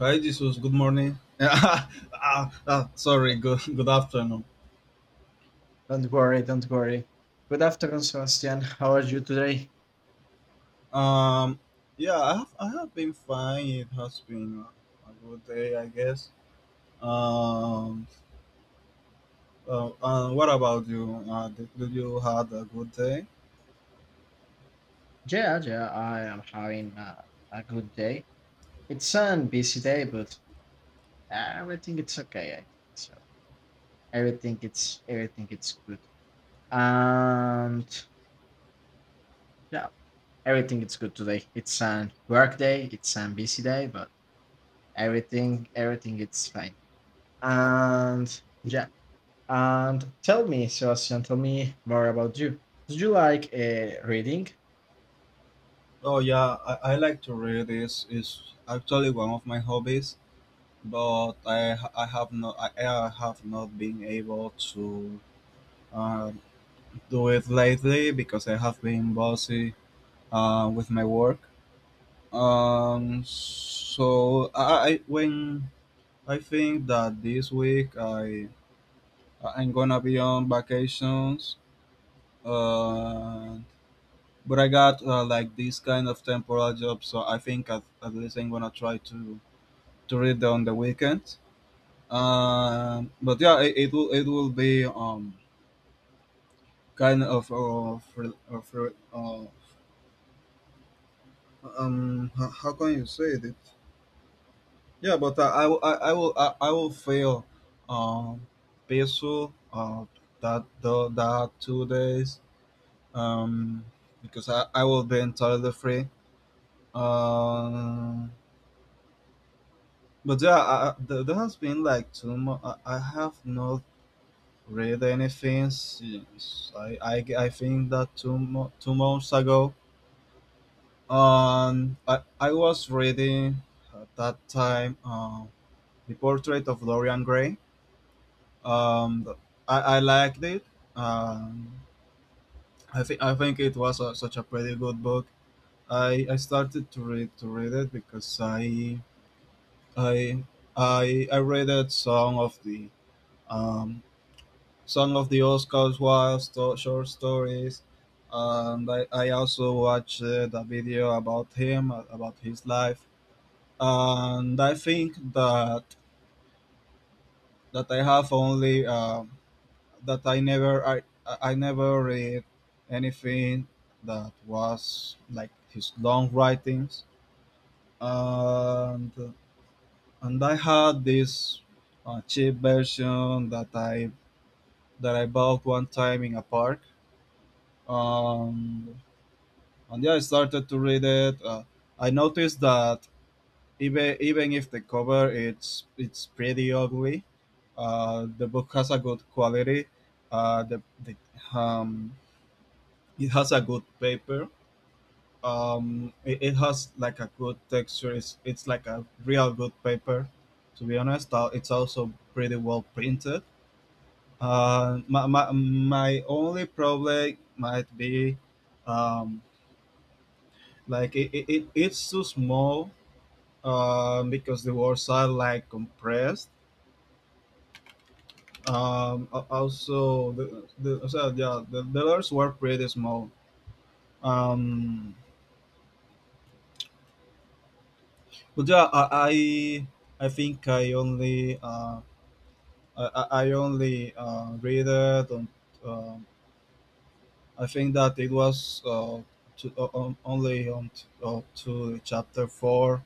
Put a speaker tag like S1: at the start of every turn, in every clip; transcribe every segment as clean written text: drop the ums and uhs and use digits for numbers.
S1: Hi, Jesus. Good morning. Sorry. Good afternoon.
S2: Don't worry, don't worry. Good afternoon, Sebastian. How are you today?
S1: Um, yeah, I have been fine. It has been a good day, I guess. Um, and what about you? Did you had a good day?
S2: Yeah, yeah, I am having a good day. It's a busy day, but everything it's okay. I think so. Everything it's good, and yeah, everything it's good today. It's a work day. It's a busy day, but everything it's fine. And yeah, and tell me, Sebastian, tell me more about you. Do you like reading?
S1: Oh yeah, I like to read. It's is actually one of my hobbies, but I have not been able to uh, do it lately because I have been busy with my work. I when I think that this week I'm gonna be on vacations. Uh, but I got like this kind of temporal job, so I think at least I'm gonna try to read on the weekend. But yeah, it will it will be kind of, how can you say it? Yeah, but I, I will I will fail um peso that the that 2 days um because I will be entirely free. um but yeah, there has been like I have not read anything since I think that 2 months ago. I was reading at that time the portrait of Dorian Gray. Um, I liked it. Um, I think it was such a pretty good book. I started to read it because I I read it um, some of the Oscar Wilde short stories, and I also watched a video about him, about his life, and I think that that I have only that I never I never read anything that was like his long writings, and and I had this cheap version that I bought one time in a park, um, and yeah, I started to read it. I noticed that even even if the cover it's pretty ugly, the book has a good quality. The um, It has a good paper. It has like a good texture. It's like a real good paper, to be honest. It's also pretty well printed. My only problem might be, um, like it's too small, because the words are like compressed. Also, yeah, the letters were pretty small. Um, But yeah, I think I only, I only read it on. Um, I think that it was, only to chapter four.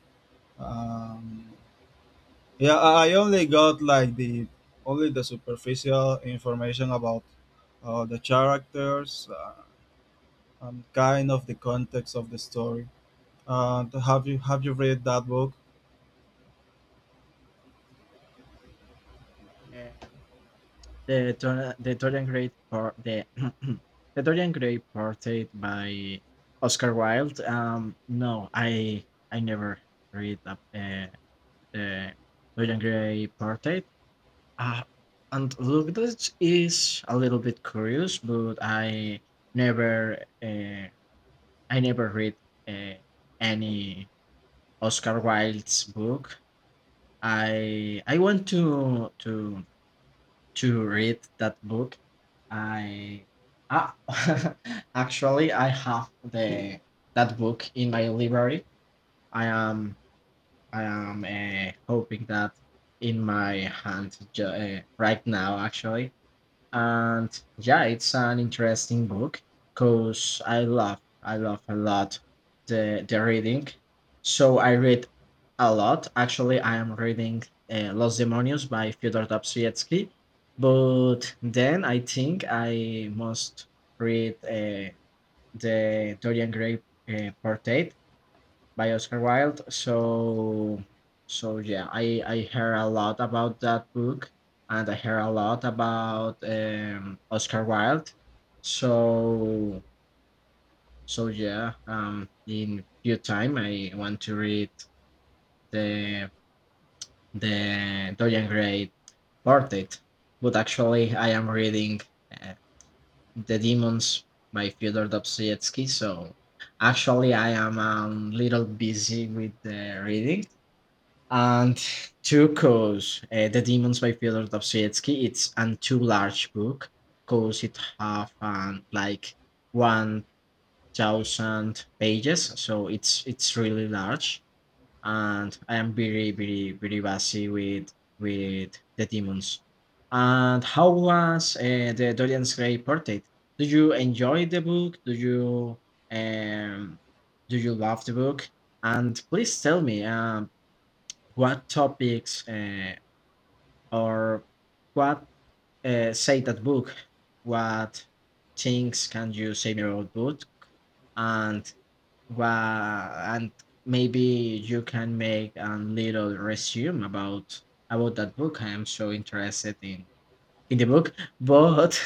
S1: Um, yeah, I only got like the only the superficial information about the characters, and kind of the context of the story. Have you read that book?
S2: Eh, the Dorian Gray the Dorian Gray portrait by Oscar Wilde. No, I never read the Dorian Gray portrait. Uh, and look, this is a little bit curious, but never uh, I never read uh, any Oscar Wilde's book. I want to read that book. I ah, actually I have the that book in my library. I am I am hoping that in my hand right now. Actually, and yeah, it's an interesting book because I love a lot the reading. So I read a lot. Actually, I am reading Los Demonios by Fyodor Dostoevsky. But then I think I must read the Dorian Gray portrait by Oscar Wilde. So yeah, I heard a lot about that book, and I heard a lot about Oscar Wilde. So so yeah, in few time I want to read the the Dorian Gray portrait, but actually I am reading uh, The Demons by Fyodor Dostoevsky. So actually I am a little busy with the reading. And two, cause The Demons by Fyodor Dostoevsky, it's an too large book, cause it have like 1,000 pages, so it's really large. And I am very, very, very busy with The Demons. And how was the Dorian Gray portrait? Do you enjoy the book? Um, do you love the book? And please tell me, what topics or what say that book? What things can you say about book? And and maybe you can make a little resume about that book. I am so interested in the book, but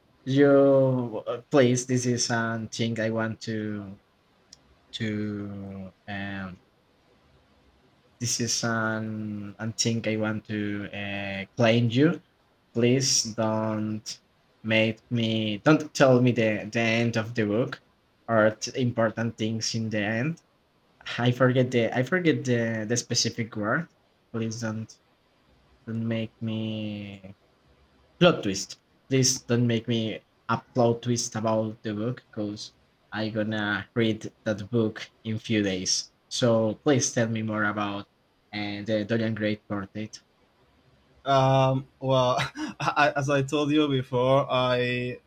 S2: you please, this is something I want to to um, this is an antique I want to claim you. Please don't make me don't tell me the end of the book or important things in the end. I forget the specific word. Please don't make me plot twist. Please don't make me a plot twist about the book because I gonna read that book in few days. So please tell me more about the Dorian Gray portrait.
S1: Well, I, as I told you before, I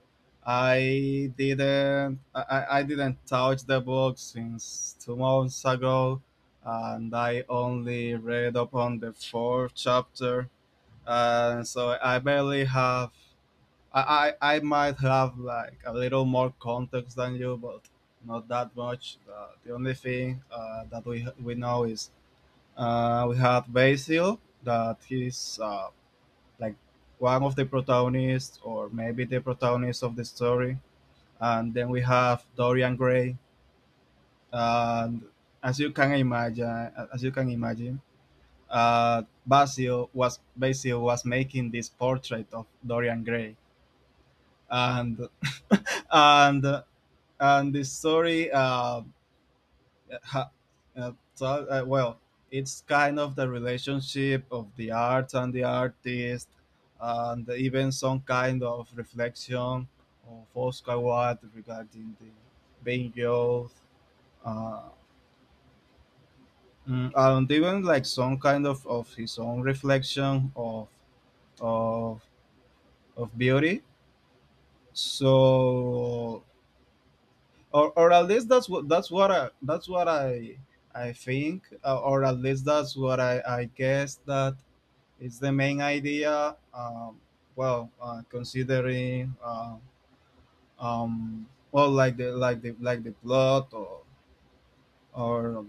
S1: I didn't I, I didn't touch the book since 2 months ago, and I only read up on the fourth chapter, and so I barely have. I might have like a little more context than you, but not that much. The only thing that we know is, we had Basil that he's, like one of the protagonists, or maybe the protagonist of the story. And then we have Dorian Gray. And as you can imagine, as you can imagine, Basil was making this portrait of Dorian Gray, and and and the story, Uh, ha- well, it's kind of the relationship of the arts and the artist, and even some kind of reflection of Oscar Wilde regarding the being youth, uh, and even like some kind of his own reflection of of of beauty. So, or at least that's what I think, or at least that's what I guess that it's the main idea. Well, considering um, well, like the like the like the plot, or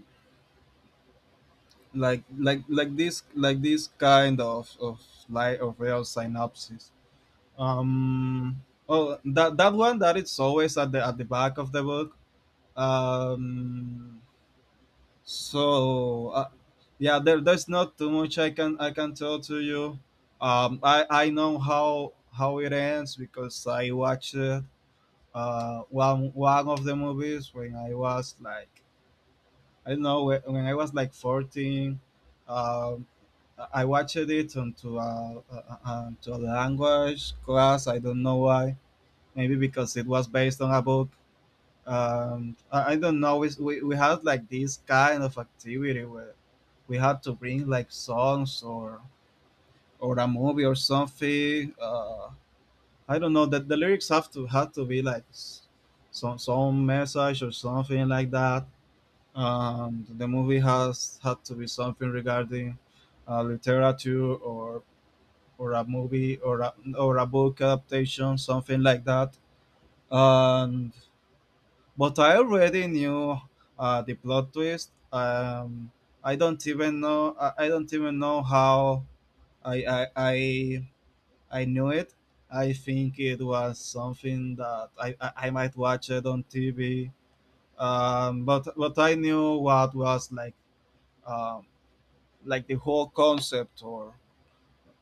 S1: like this kind of like of real synopsis. Um, oh, that one that it's always at the back of the book. Um, So uh, yeah, there's not too much I can tell to you. I know how it ends because I watched one one of the movies when I was like I don't know when I was like 14. Um, I watched it onto a, onto a language class. I don't know why. Maybe because it was based on a book. I don't know it's, we had like this kind of activity where we had to bring like songs or a movie or something. I don't know that the lyrics have to be like some message or something like that. The movie has had to be something regarding literature, or a movie or or a book adaptation, something like that. And. But I already knew the plot twist. I don't even know. I don't even know how I, I I I knew it. I think it was something that I might watch it on TV. But I knew what was like, um, like the whole concept,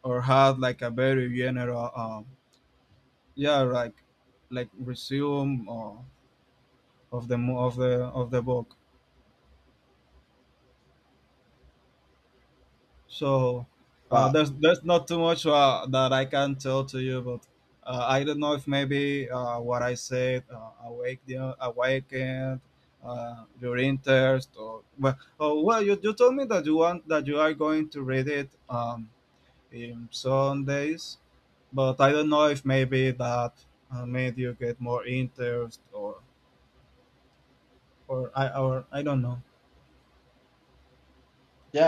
S1: or had like a very general, yeah, like resume, of of the book. So
S2: Wow.
S1: there's not too much that I can tell to you, but I don't know if maybe what I said awakened your interest, or well, oh, well, you told me that you are going to read it, in Sundays, but I don't know if maybe that made you get more interest, or or I don't know.
S2: Yeah,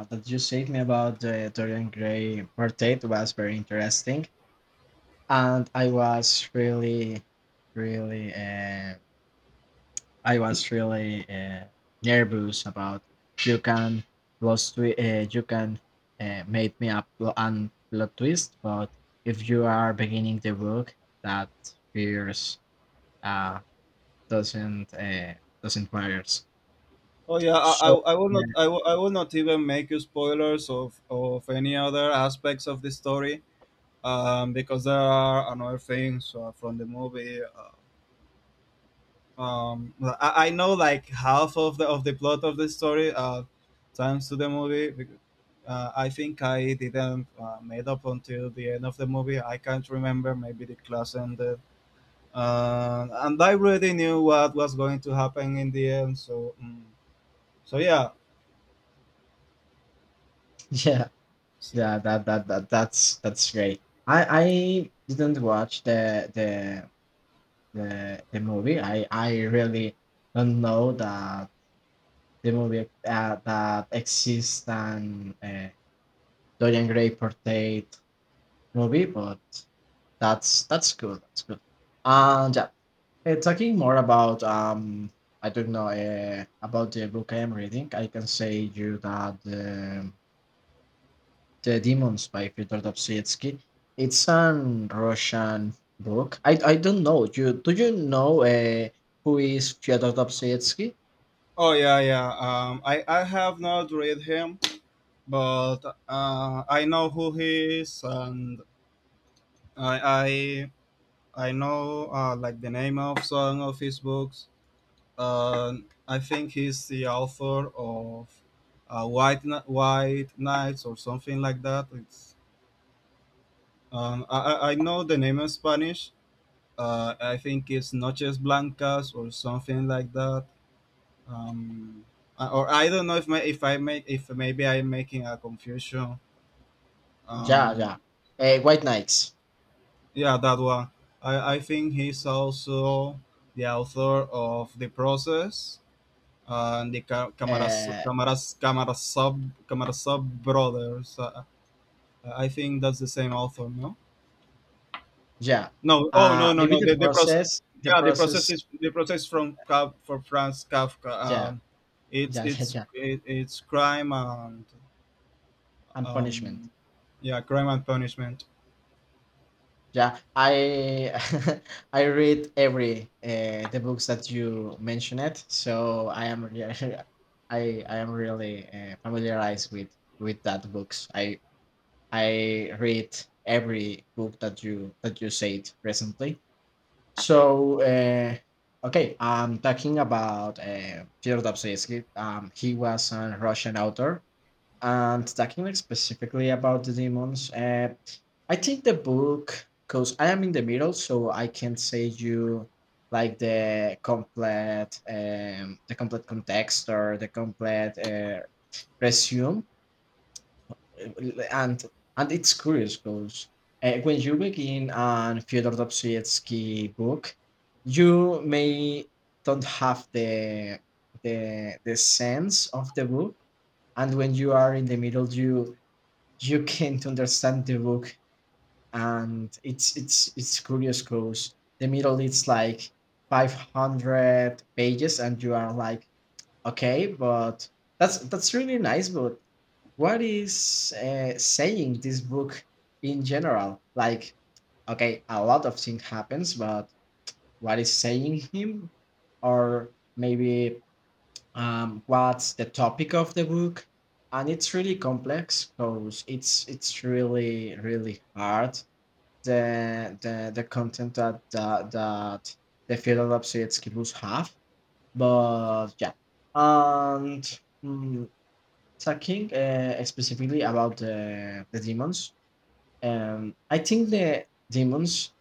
S2: that you said me about the Dorian Gray portrait was very interesting, and I was really, really uh, I was really nervous about you can you can make me a pl- and plot twist, but if you are beginning the book, that fears uh, doesn't uh, doesn't matters.
S1: Oh yeah,
S2: So
S1: I will
S2: yeah,
S1: not I will not even make you spoilers of any other aspects of the story, because there are another things from the movie. I know like half of the plot of the story, thanks to the movie. I think I didn't made up until the end of the movie. I can't remember. Maybe the class ended, and I already knew what was going to happen in the end. So yeah.
S2: yeah, yeah, that's that's great. I didn't watch the movie. I really don't know that the movie that exists and Dorian Gray portrayed movie, but that's cool. That's good. And yeah, talking more about I don't know about the book I am reading. I can say you that the Demons by Fyodor Dostoevsky. It's an Russian book. I don't know. You do you know who is Fyodor Dostoevsky?
S1: Oh yeah, yeah. I have not read him, but I know who he is, and I I I know, like the name of some of his books. I think he's the author of White Knights or something like that. It's, I know the name in Spanish. I think it's Noches Blancas or something like that. Um, or I don't know if my, if I make if maybe I'm making a confusion.
S2: Yeah,
S1: Um,
S2: yeah. White Knights.
S1: yeah, that one. I think he's also the author of The Process and the
S2: Uh,
S1: Camaras Sub Camaras Sub Brothers. I think that's the same author, no?
S2: Yeah.
S1: No. Oh no no
S2: Maybe
S1: no.
S2: the
S1: The process.
S2: process, the
S1: Yeah, the process
S2: process.
S1: is the process from Kaf for Franz Kafka.
S2: Yeah,
S1: It's
S2: yeah, yeah, yeah.
S1: it's crime and
S2: And punishment.
S1: um yeah, crime and punishment.
S2: Yeah, I I read every the books that you mentioned it, so I am really familiarized with that books. I read every book that you said recently. So okay, I'm talking about Fyodor Dostoevsky. He was a Russian author and talking like specifically about the demons, I think the book because I am in the middle so I can say you like the complete context or the complete resume. And and it's curious because when you begin on Fyodor Dostoevsky book you may don't have the sense of the book and when you are in the middle you you can't understand the book and it's it's curious because the middle it's like 500 pages and you are like okay but that's really nice but what is saying this book in general like okay a lot of things happens but what is saying him or maybe, what's the topic of the book and it's really complex because it's really really hard the content that that the Fyodor Dostoevsky have, but yeah. And talking specifically about the demons, I think the demons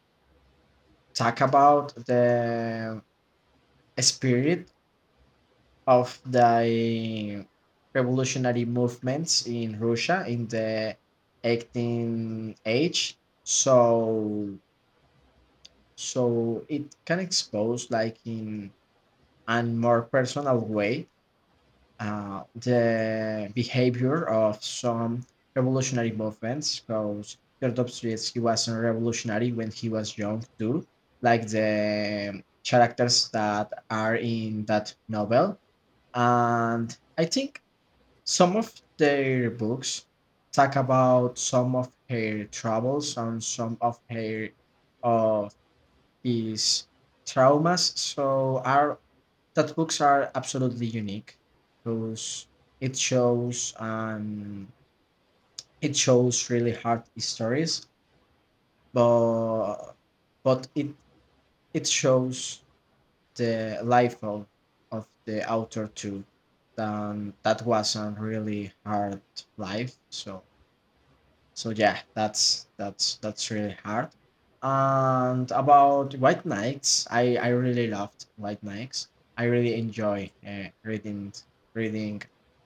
S2: talk about the spirit of the revolutionary movements in Russia in the 18th age. So so it can expose like in a more personal way the behavior of some revolutionary movements because Dostoevsky was a revolutionary when he was young too, like the characters that are in that novel. And I think some of their books talk about some of her troubles and some of her of his traumas. So our that books are absolutely unique because it shows um it shows really hard stories, but but it shows the life of the author too. That was a really hard life. So yeah, that's that's really hard. And about White Nights, I really loved White Nights. I really enjoy reading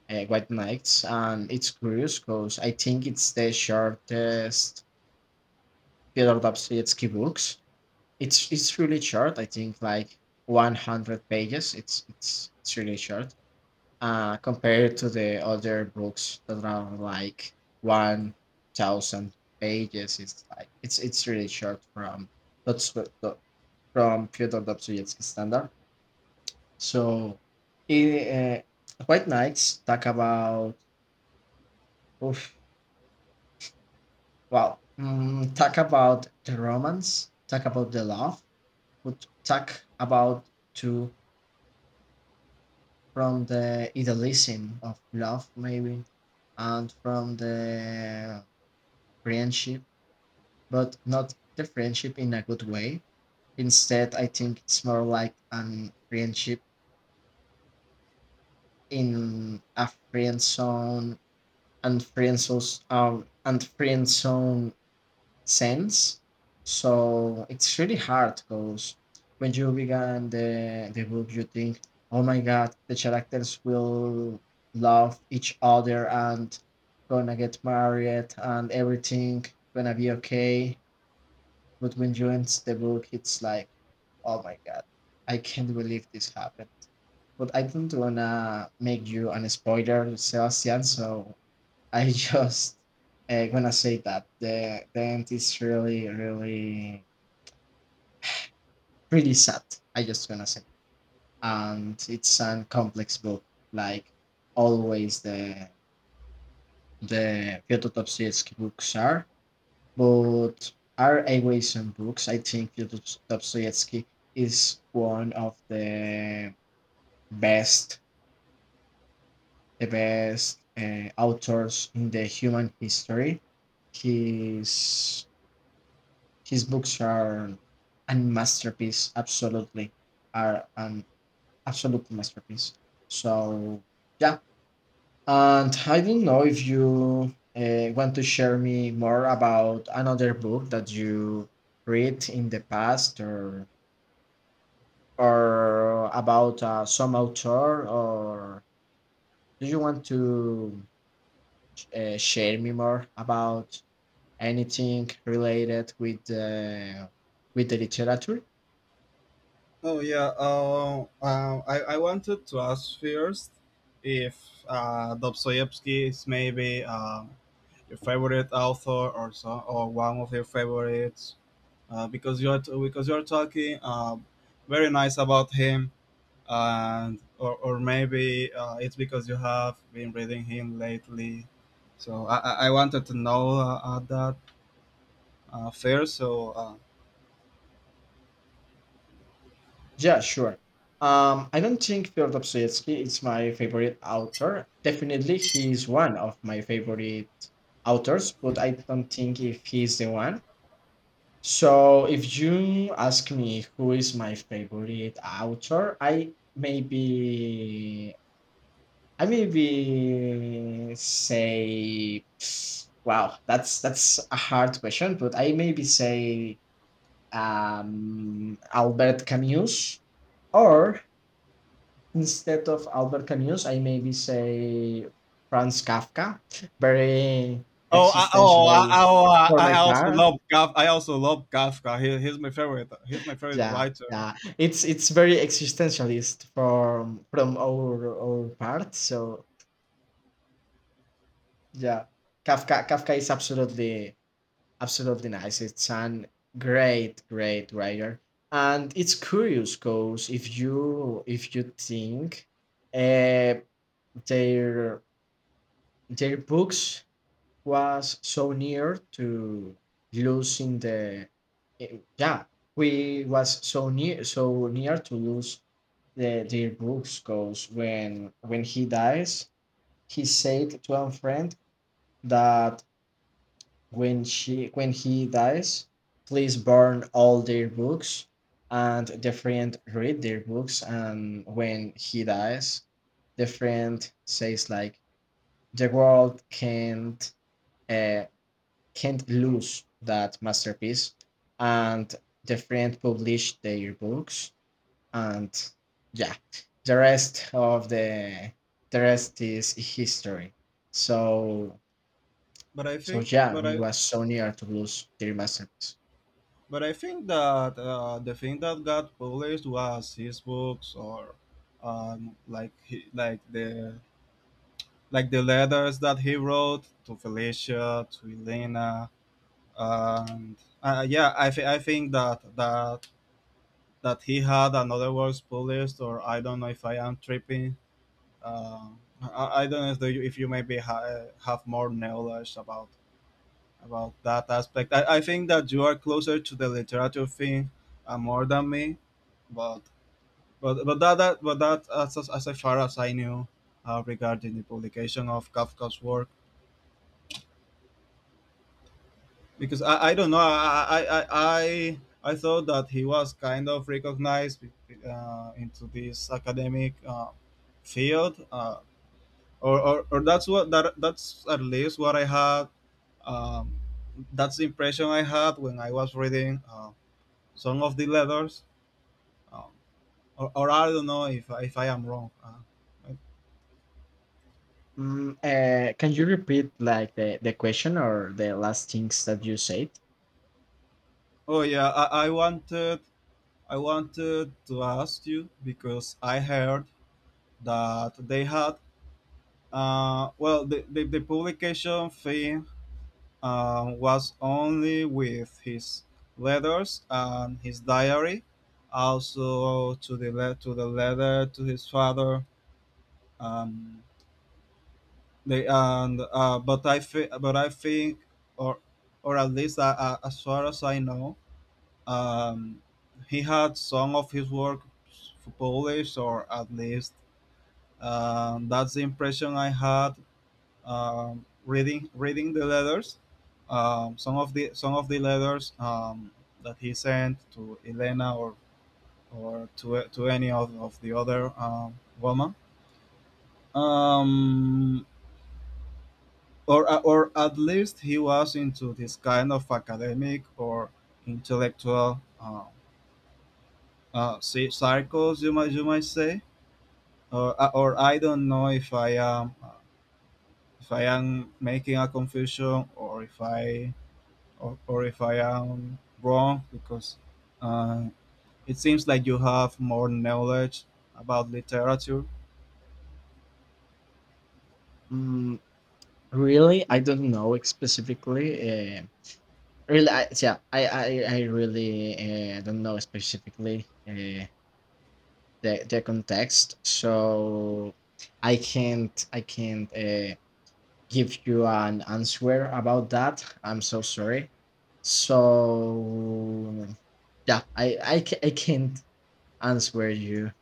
S2: White Nights, and it's curious because I think it's the shortest Fyodor Dostoevsky books. It's really short. I think like 100 pages. It's really short compared to the other books that are like 1,000 pages. It's like it's really short from that's what the- from Fyodor Dostoevsky standard. So, eh, White Knights talk about oof, talk about the romance, talk about the love, but talk about to from the idealism of love maybe, and from the friendship, but not the friendship in a good way. Instead, I think it's more like an friendship in a friend zone and friend zone sense. So it's really hard because when you began the book, you think, oh my god, the characters will love each other and gonna get married and everything gonna be okay. But when you end the book, it's like, oh my god, I can't believe this happened. But I don't wanna make you an spoiler, Sebastian. So I just gonna say that the end is really, really, pretty sad. I just gonna say, and it's a complex book, like always the Fyodor Dostoevsky books are. But are aways books, I think Fyodor Dostoevsky is one of best, the best authors in the human history. His his books are a masterpiece. Absolutely, are an absolute masterpiece. So yeah, and I don't know if you want to share me more about another book that you read in the past or about some author, or do you want to share me more about anything related with the literature?
S1: I wanted to ask first if Dostoevsky is maybe, your favorite author or so, or one of your favorites, because you're talking, very nice about him, and or maybe it's because you have been reading him lately. I wanted to know, that, first. Uh,
S2: Yeah, sure. I don't think Fyodor Dostoevsky is my favorite author. Definitely, he is one of my favorite authors, but I don't think if he's the one. So, if you ask me who is my favorite author, I maybe say, wow, that's a hard question, but I maybe say Albert Camus or instead of Albert Camus, I maybe say Franz Kafka, very existentialist for
S1: I
S2: my
S1: also
S2: parents.
S1: love Kafka. I also love Kafka. He's my favorite. He's my favorite
S2: Yeah,
S1: writer.
S2: yeah. It's very existentialist from our part. So yeah, Kafka is absolutely absolutely nice. It's an great great writer, and it's curious because if you think, uh, their their books was so near to losing the yeah we was so near to lose their books because when he dies he said to a friend that when he dies please burn all their books and the friend read their books and when he dies the friend says like the world can't eh, can't lose that masterpiece. And the friend published their books, and yeah, the rest of the the rest is history. So
S1: But I
S2: so
S1: think,
S2: yeah,
S1: but
S2: we
S1: I,
S2: was so near to lose their masterpiece.
S1: but I think that the thing that got published was his books, or um, like he, like the like the letters that he wrote to Felicia, to Elena, and yeah, I think that he had another works published, or I don't know if I am tripping. I don't know if you maybe have more knowledge about that aspect. I think that you are closer to the literature thing, more than me, but but that, that but that, as far as I knew, regarding the publication of Kafka's work, because I don't know I thought that he was kind of recognized, into this academic, field. Or that's what that's at least what I had. Um, that's the impression I had when I was reading some of the letters, um, or I don't know if I am wrong. Uh,
S2: Can you repeat like the question or the last things that you said?
S1: oh yeah, I wanted to ask you because I heard that they had well the publication fee and was only with his letters and his diary, also to the to the letter to his father. Um, they and but I think, or or at least as far as I know, um, he had some of his work published, or at least, that's the impression I had reading the letters. Some of the letters that he sent to Elena or to any of the other woman. Um, or at least he was into this kind of academic or intellectual uh, circles, you might say, or I don't know if I am making a confusion, or if I am wrong, because uh, it seems like you have more knowledge about literature.
S2: Mm, Really, I don't know specifically. Really, I, yeah, I really don't know specifically the context so I can't give you an answer about that. I'm so sorry, so yeah I can't answer you.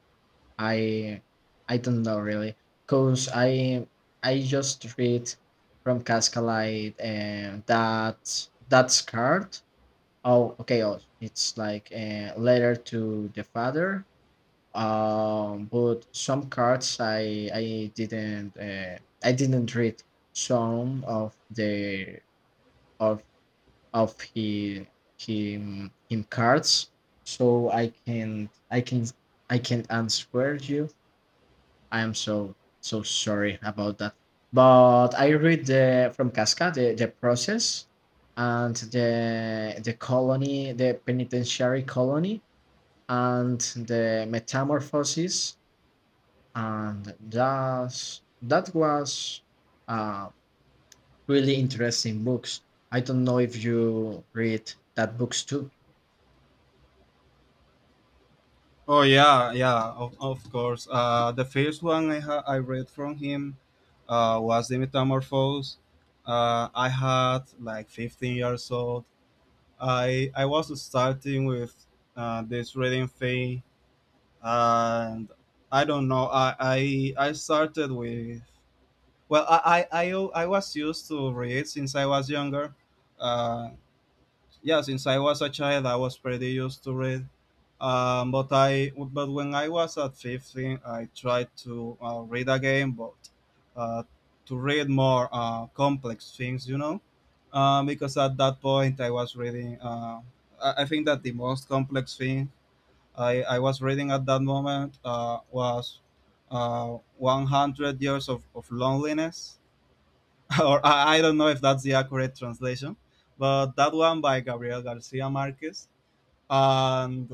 S2: I i don't know really because I just read from cascalite and that's card. Oh, okay, oh, it's like a letter to the father. But some cards I didn't read some of the of of he him cards, so I can't answer you. I am so so sorry about that. But I read the from casca the process and the colony the penitentiary colony and the metamorphosis, and that was a really interesting books. I don't know if you read that books too.
S1: Oh yeah, yeah, of course. The first one I read from him was the Metamorphose. I had like 15 years old. I was starting with this reading thing, and I don't know. I started with. Well, I was used to read since I was younger. Uh, yeah, since I was a child, I was pretty used to read. But when I was at 15, I tried to read again, but uh, to read more complex things, you know, because at that point I was reading. I think that the most complex thing I was reading at that moment was 100 years of loneliness or I don't know if that's the accurate translation, but that one by Gabriel Garcia Marquez and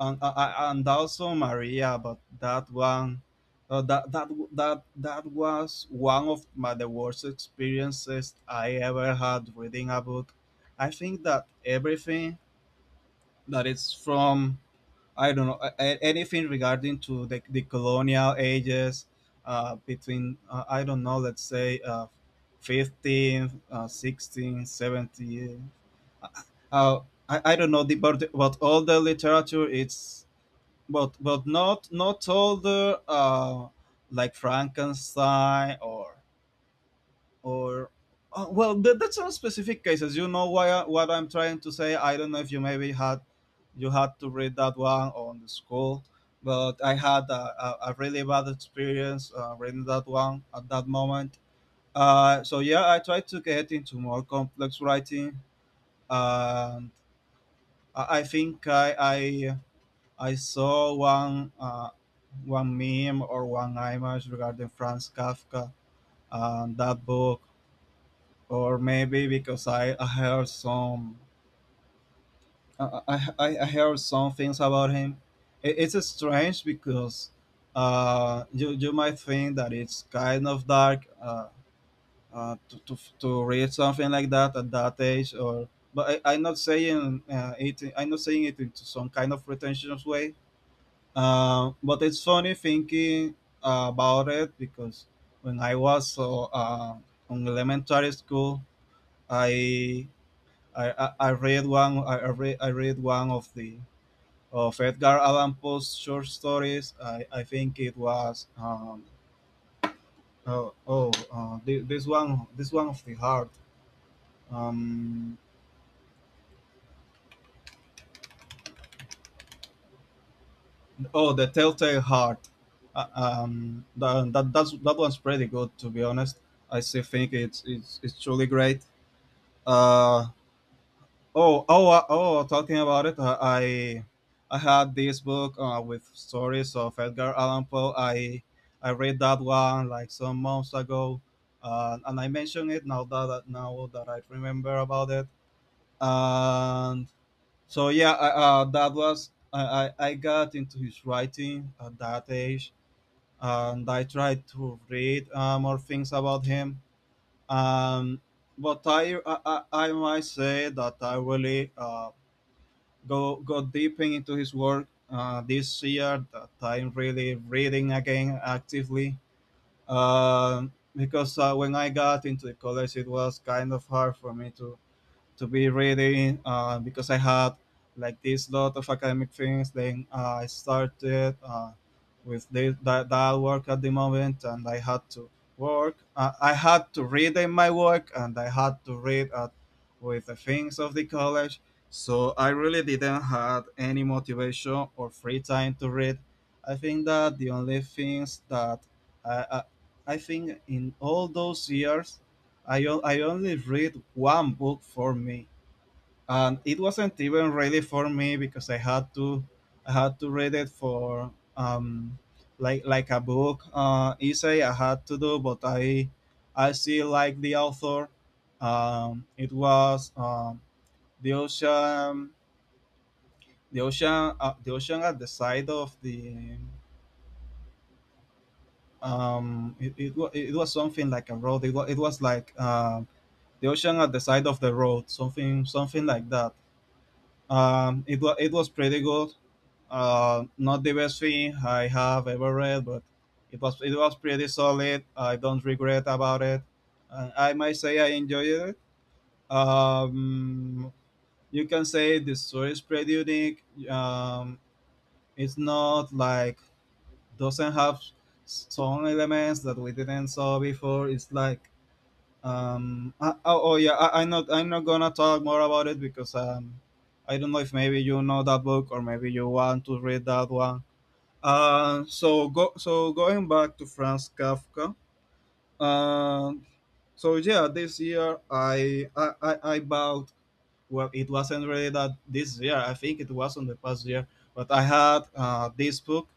S1: and and also Maria, but that one. That was one of my the worst experiences I ever had reading a book. I think that everything that is from I don't know anything regarding to the colonial ages between I don't know, let's say 15 16 70. Uh, I don't know but all the literature it's but not all the like Frankenstein or oh, well, that's not specific cases, you know, what I'm trying to say. I don't know if you maybe had, you had to read that one on the school, but I had a really bad experience reading that one at that moment. So yeah, I tried to get into more complex writing. And I think I saw one one meme or one image regarding Franz Kafka and that book. Or maybe because I heard some things about him. It's strange because you might think that it's kind of dark to read something like that at that age, or but I'm not saying it. I'm not saying it into some kind of pretentious way. But it's funny thinking about it because when I was on elementary school, I I read one of Edgar Allan Poe's short stories. I think it was this one of the heart, um, oh, the Telltale Heart. That one's pretty good, to be honest. I still think it's truly great. Uh, Oh, oh, oh! Talking about it, I had this book with stories of Edgar Allan Poe. I read that one like some months ago, and I mentioned it now now that I remember about it. And so yeah, I, that was I got into his writing at that age, and I tried to read more things about him. Um, but I might say that I really go deep into his work this year that I'm really reading again actively. Because when I got into the college, it was kind of hard for me to be reading because I had like this lot of academic things. Then I started with that work at the moment, and I had to work. I had to read in my work, and I had to read with the things of the college. So I really didn't have any motivation or free time to read. I think that the only things that I, I, I think, in all those years I only read one book for me, and it wasn't even really for me because I had to read it for like a book essay I had to do, but I still like the author. It was the ocean the ocean at the side of the — it was something like a road, it was like the ocean at the side of the road, something like that. It was pretty good. Not the best thing I have ever read, but it was pretty solid. I don't regret about it. And I might say I enjoyed it. Um, you can say the story is pretty unique. Um, it's not like doesn't have some elements that we didn't saw before. It's like oh yeah, I'm not gonna talk more about it because I don't know if maybe you know that book or maybe you want to read that one. So going back to Franz Kafka. Uh, so yeah, this year I bought. Well, it wasn't really that this year. I think it was on the past year, but I had this book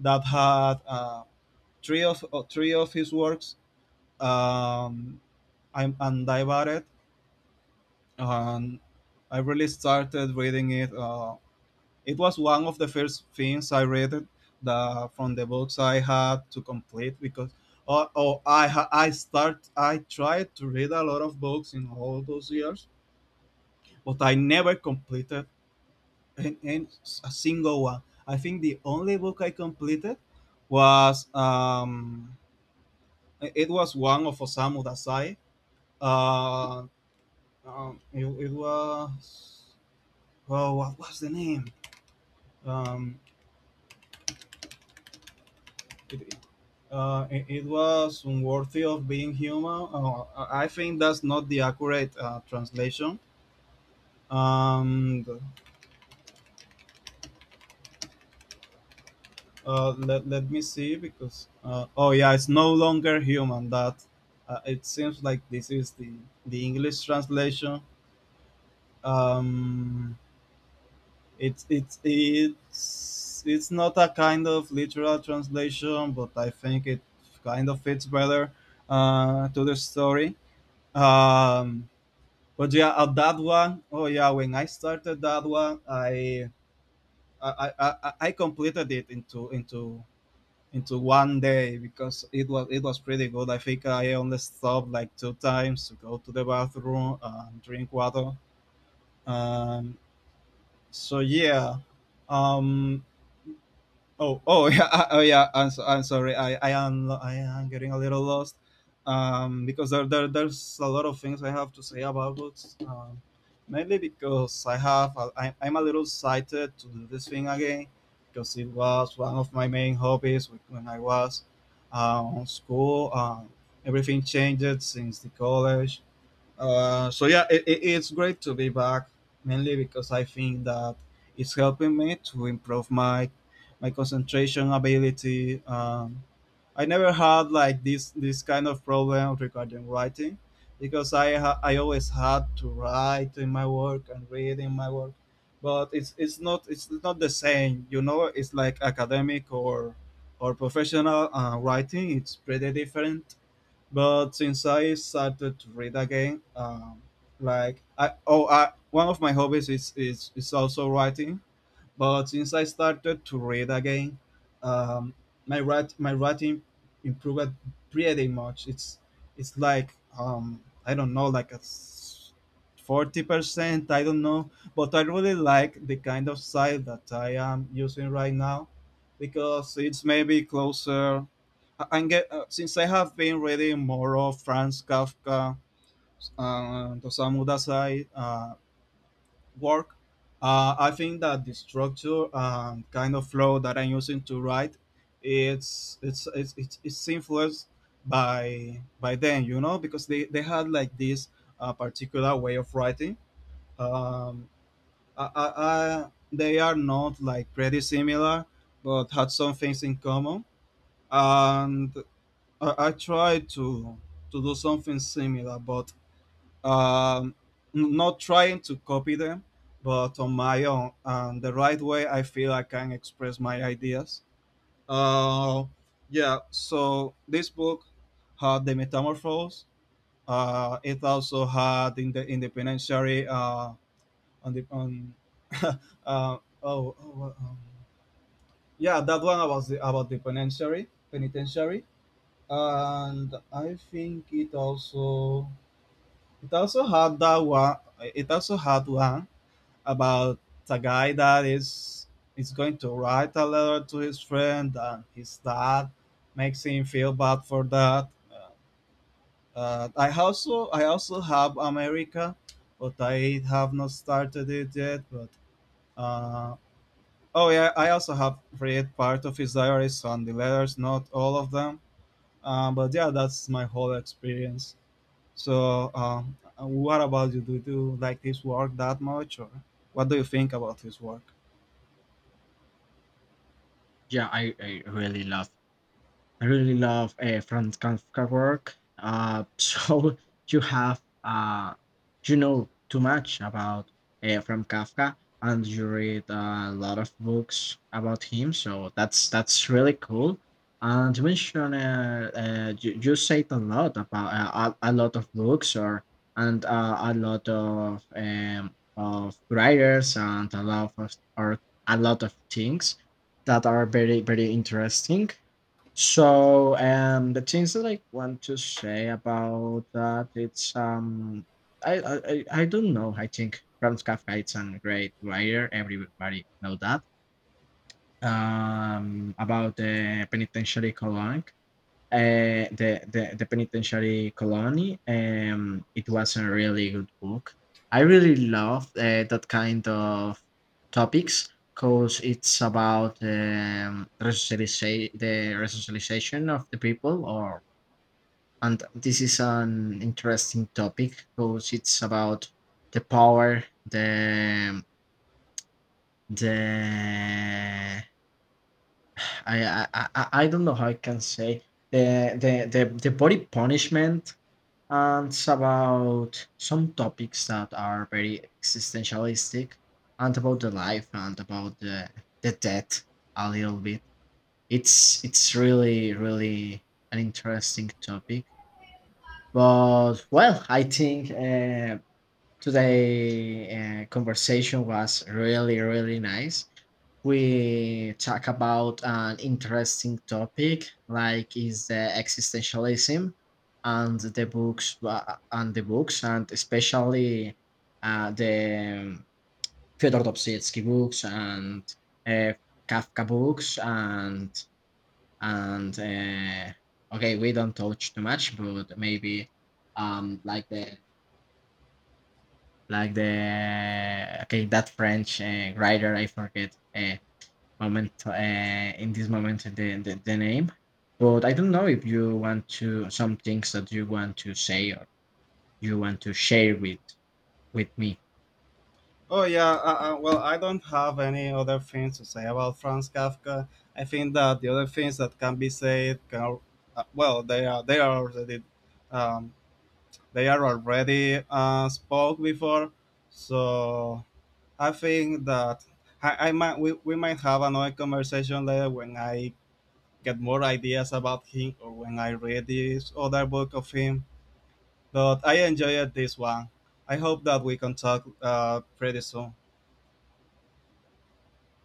S1: that had three of his works. Um, I'm and I bought it, and I really started reading it. It was one of the first things I read it, the from the books I had to complete because oh, oh I ha- I start I tried to read a lot of books in all those years, but I never completed an, an, a single one. I think the only book I completed was um, was one of Osamu Dazai. Uh, it was oh what was the name? um, it, it was unworthy of being human. I think that's not the accurate translation. And let me see because oh yeah, it's no longer human. That it seems like this is the English translation. Um, it's not a kind of literal translation, but I think it kind of fits better to the story. Um, But yeah, that one, oh yeah, when I started that one, I, I, I completed it into one day because it was pretty good. I think I only stopped like two times to go to the bathroom and drink water. Um, so yeah, um, oh, oh oh yeah. I'm sorry. I am getting a little lost, because there's a lot of things I have to say about books. Mainly because I'm a little excited to do this thing again, because it was one of my main hobbies when I was on school. Everything changed since the college. So yeah, it's great to be back, mainly because I think that it's helping me to improve my concentration ability. I never had like this kind of problem regarding writing, because I always had to write in my work and read in my work, but it's not the same. You know, it's like academic or professional writing. It's pretty different, but since I started to read again, like I oh I one of my hobbies is also writing. But since I started to read again, um, my writing improved pretty much. It's like I don't know, like a 40%. I don't know, but I really like the kind of site that I am using right now because it's maybe closer. I- I'm get Since I have been reading more of Franz Kafka, Osamu Dazai, work, I think that the structure and kind of flow that I'm using to write, it's influenced by them, you know, because they had like this particular way of writing. Um, I, I, they are not like pretty similar, but had some things in common, and I tried to do something similar, but um, not trying to copy them, but on my own and the right way I feel I can express my ideas. Uh, yeah, so this book had the Metamorphose. It also had in the independentiary on the on uh, oh, oh, what— yeah, that one about the penitentiary. And I think it also had that one it also had one about a guy that is going to write a letter to his friend, and his dad makes him feel bad for that. I also have America, but I have not started it yet. But uh, oh yeah, I also have read part of his diaries and the letters, not all of them. But yeah, that's my whole experience. So, what about you? Do you like his work that much, or what do you think about his work?
S2: Yeah, I really love Franz Kafka work. So you have you know too much about from Kafka, and you read a lot of books about him. So that's really cool. And you mentioned you said a lot about a lot of books or and a lot of writers and a lot of or a lot of things that are very very interesting. So, the things that I want to say about that, it's I don't know. I think Franz Kafka is a great writer. Everybody know that. About the penitentiary colon the penitentiary colony. It was a really good book. I really love that kind of topics because it's about the resocialization of the people. Or and this is an interesting topic because it's about the power, the I don't know how I can say the body punishment. And about some topics that are very existentialistic and about the life and about the death a little bit. It's really really an interesting topic. But well, I think today conversation was really really nice. We talk about an interesting topic like is the existentialism and the books, and especially the Fyodor Dostoevsky books and uh, Kafka books, and okay we don't touch too much but maybe um like the like the okay that French writer I forget moment in this moment the name, but I don't know if you want to some things that you want to say or you want to share with me.
S1: Oh yeah, well, I don't have any other things to say about Franz Kafka. I think that the other things that can be said, well, um, they are already spoke before. So I think that we might have another conversation later when I get more ideas about him or when I read this other book of him. But I enjoyed this one. I hope that we can talk pretty soon.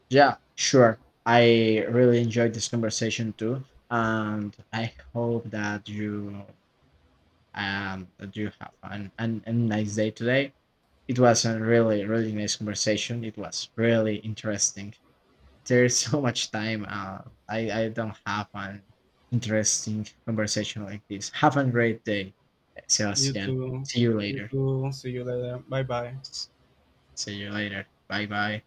S2: Yeah, sure. I really enjoyed this conversation too, and I hope that you have a nice day today. It was a really really nice conversation. It was really interesting. There's so much time. I don't have an interesting conversation like this. Have a great day,
S1: You
S2: Sebastian.
S1: too.
S2: See you
S1: You
S2: later.
S1: too. See you later. Bye bye.
S2: See you later. Bye bye.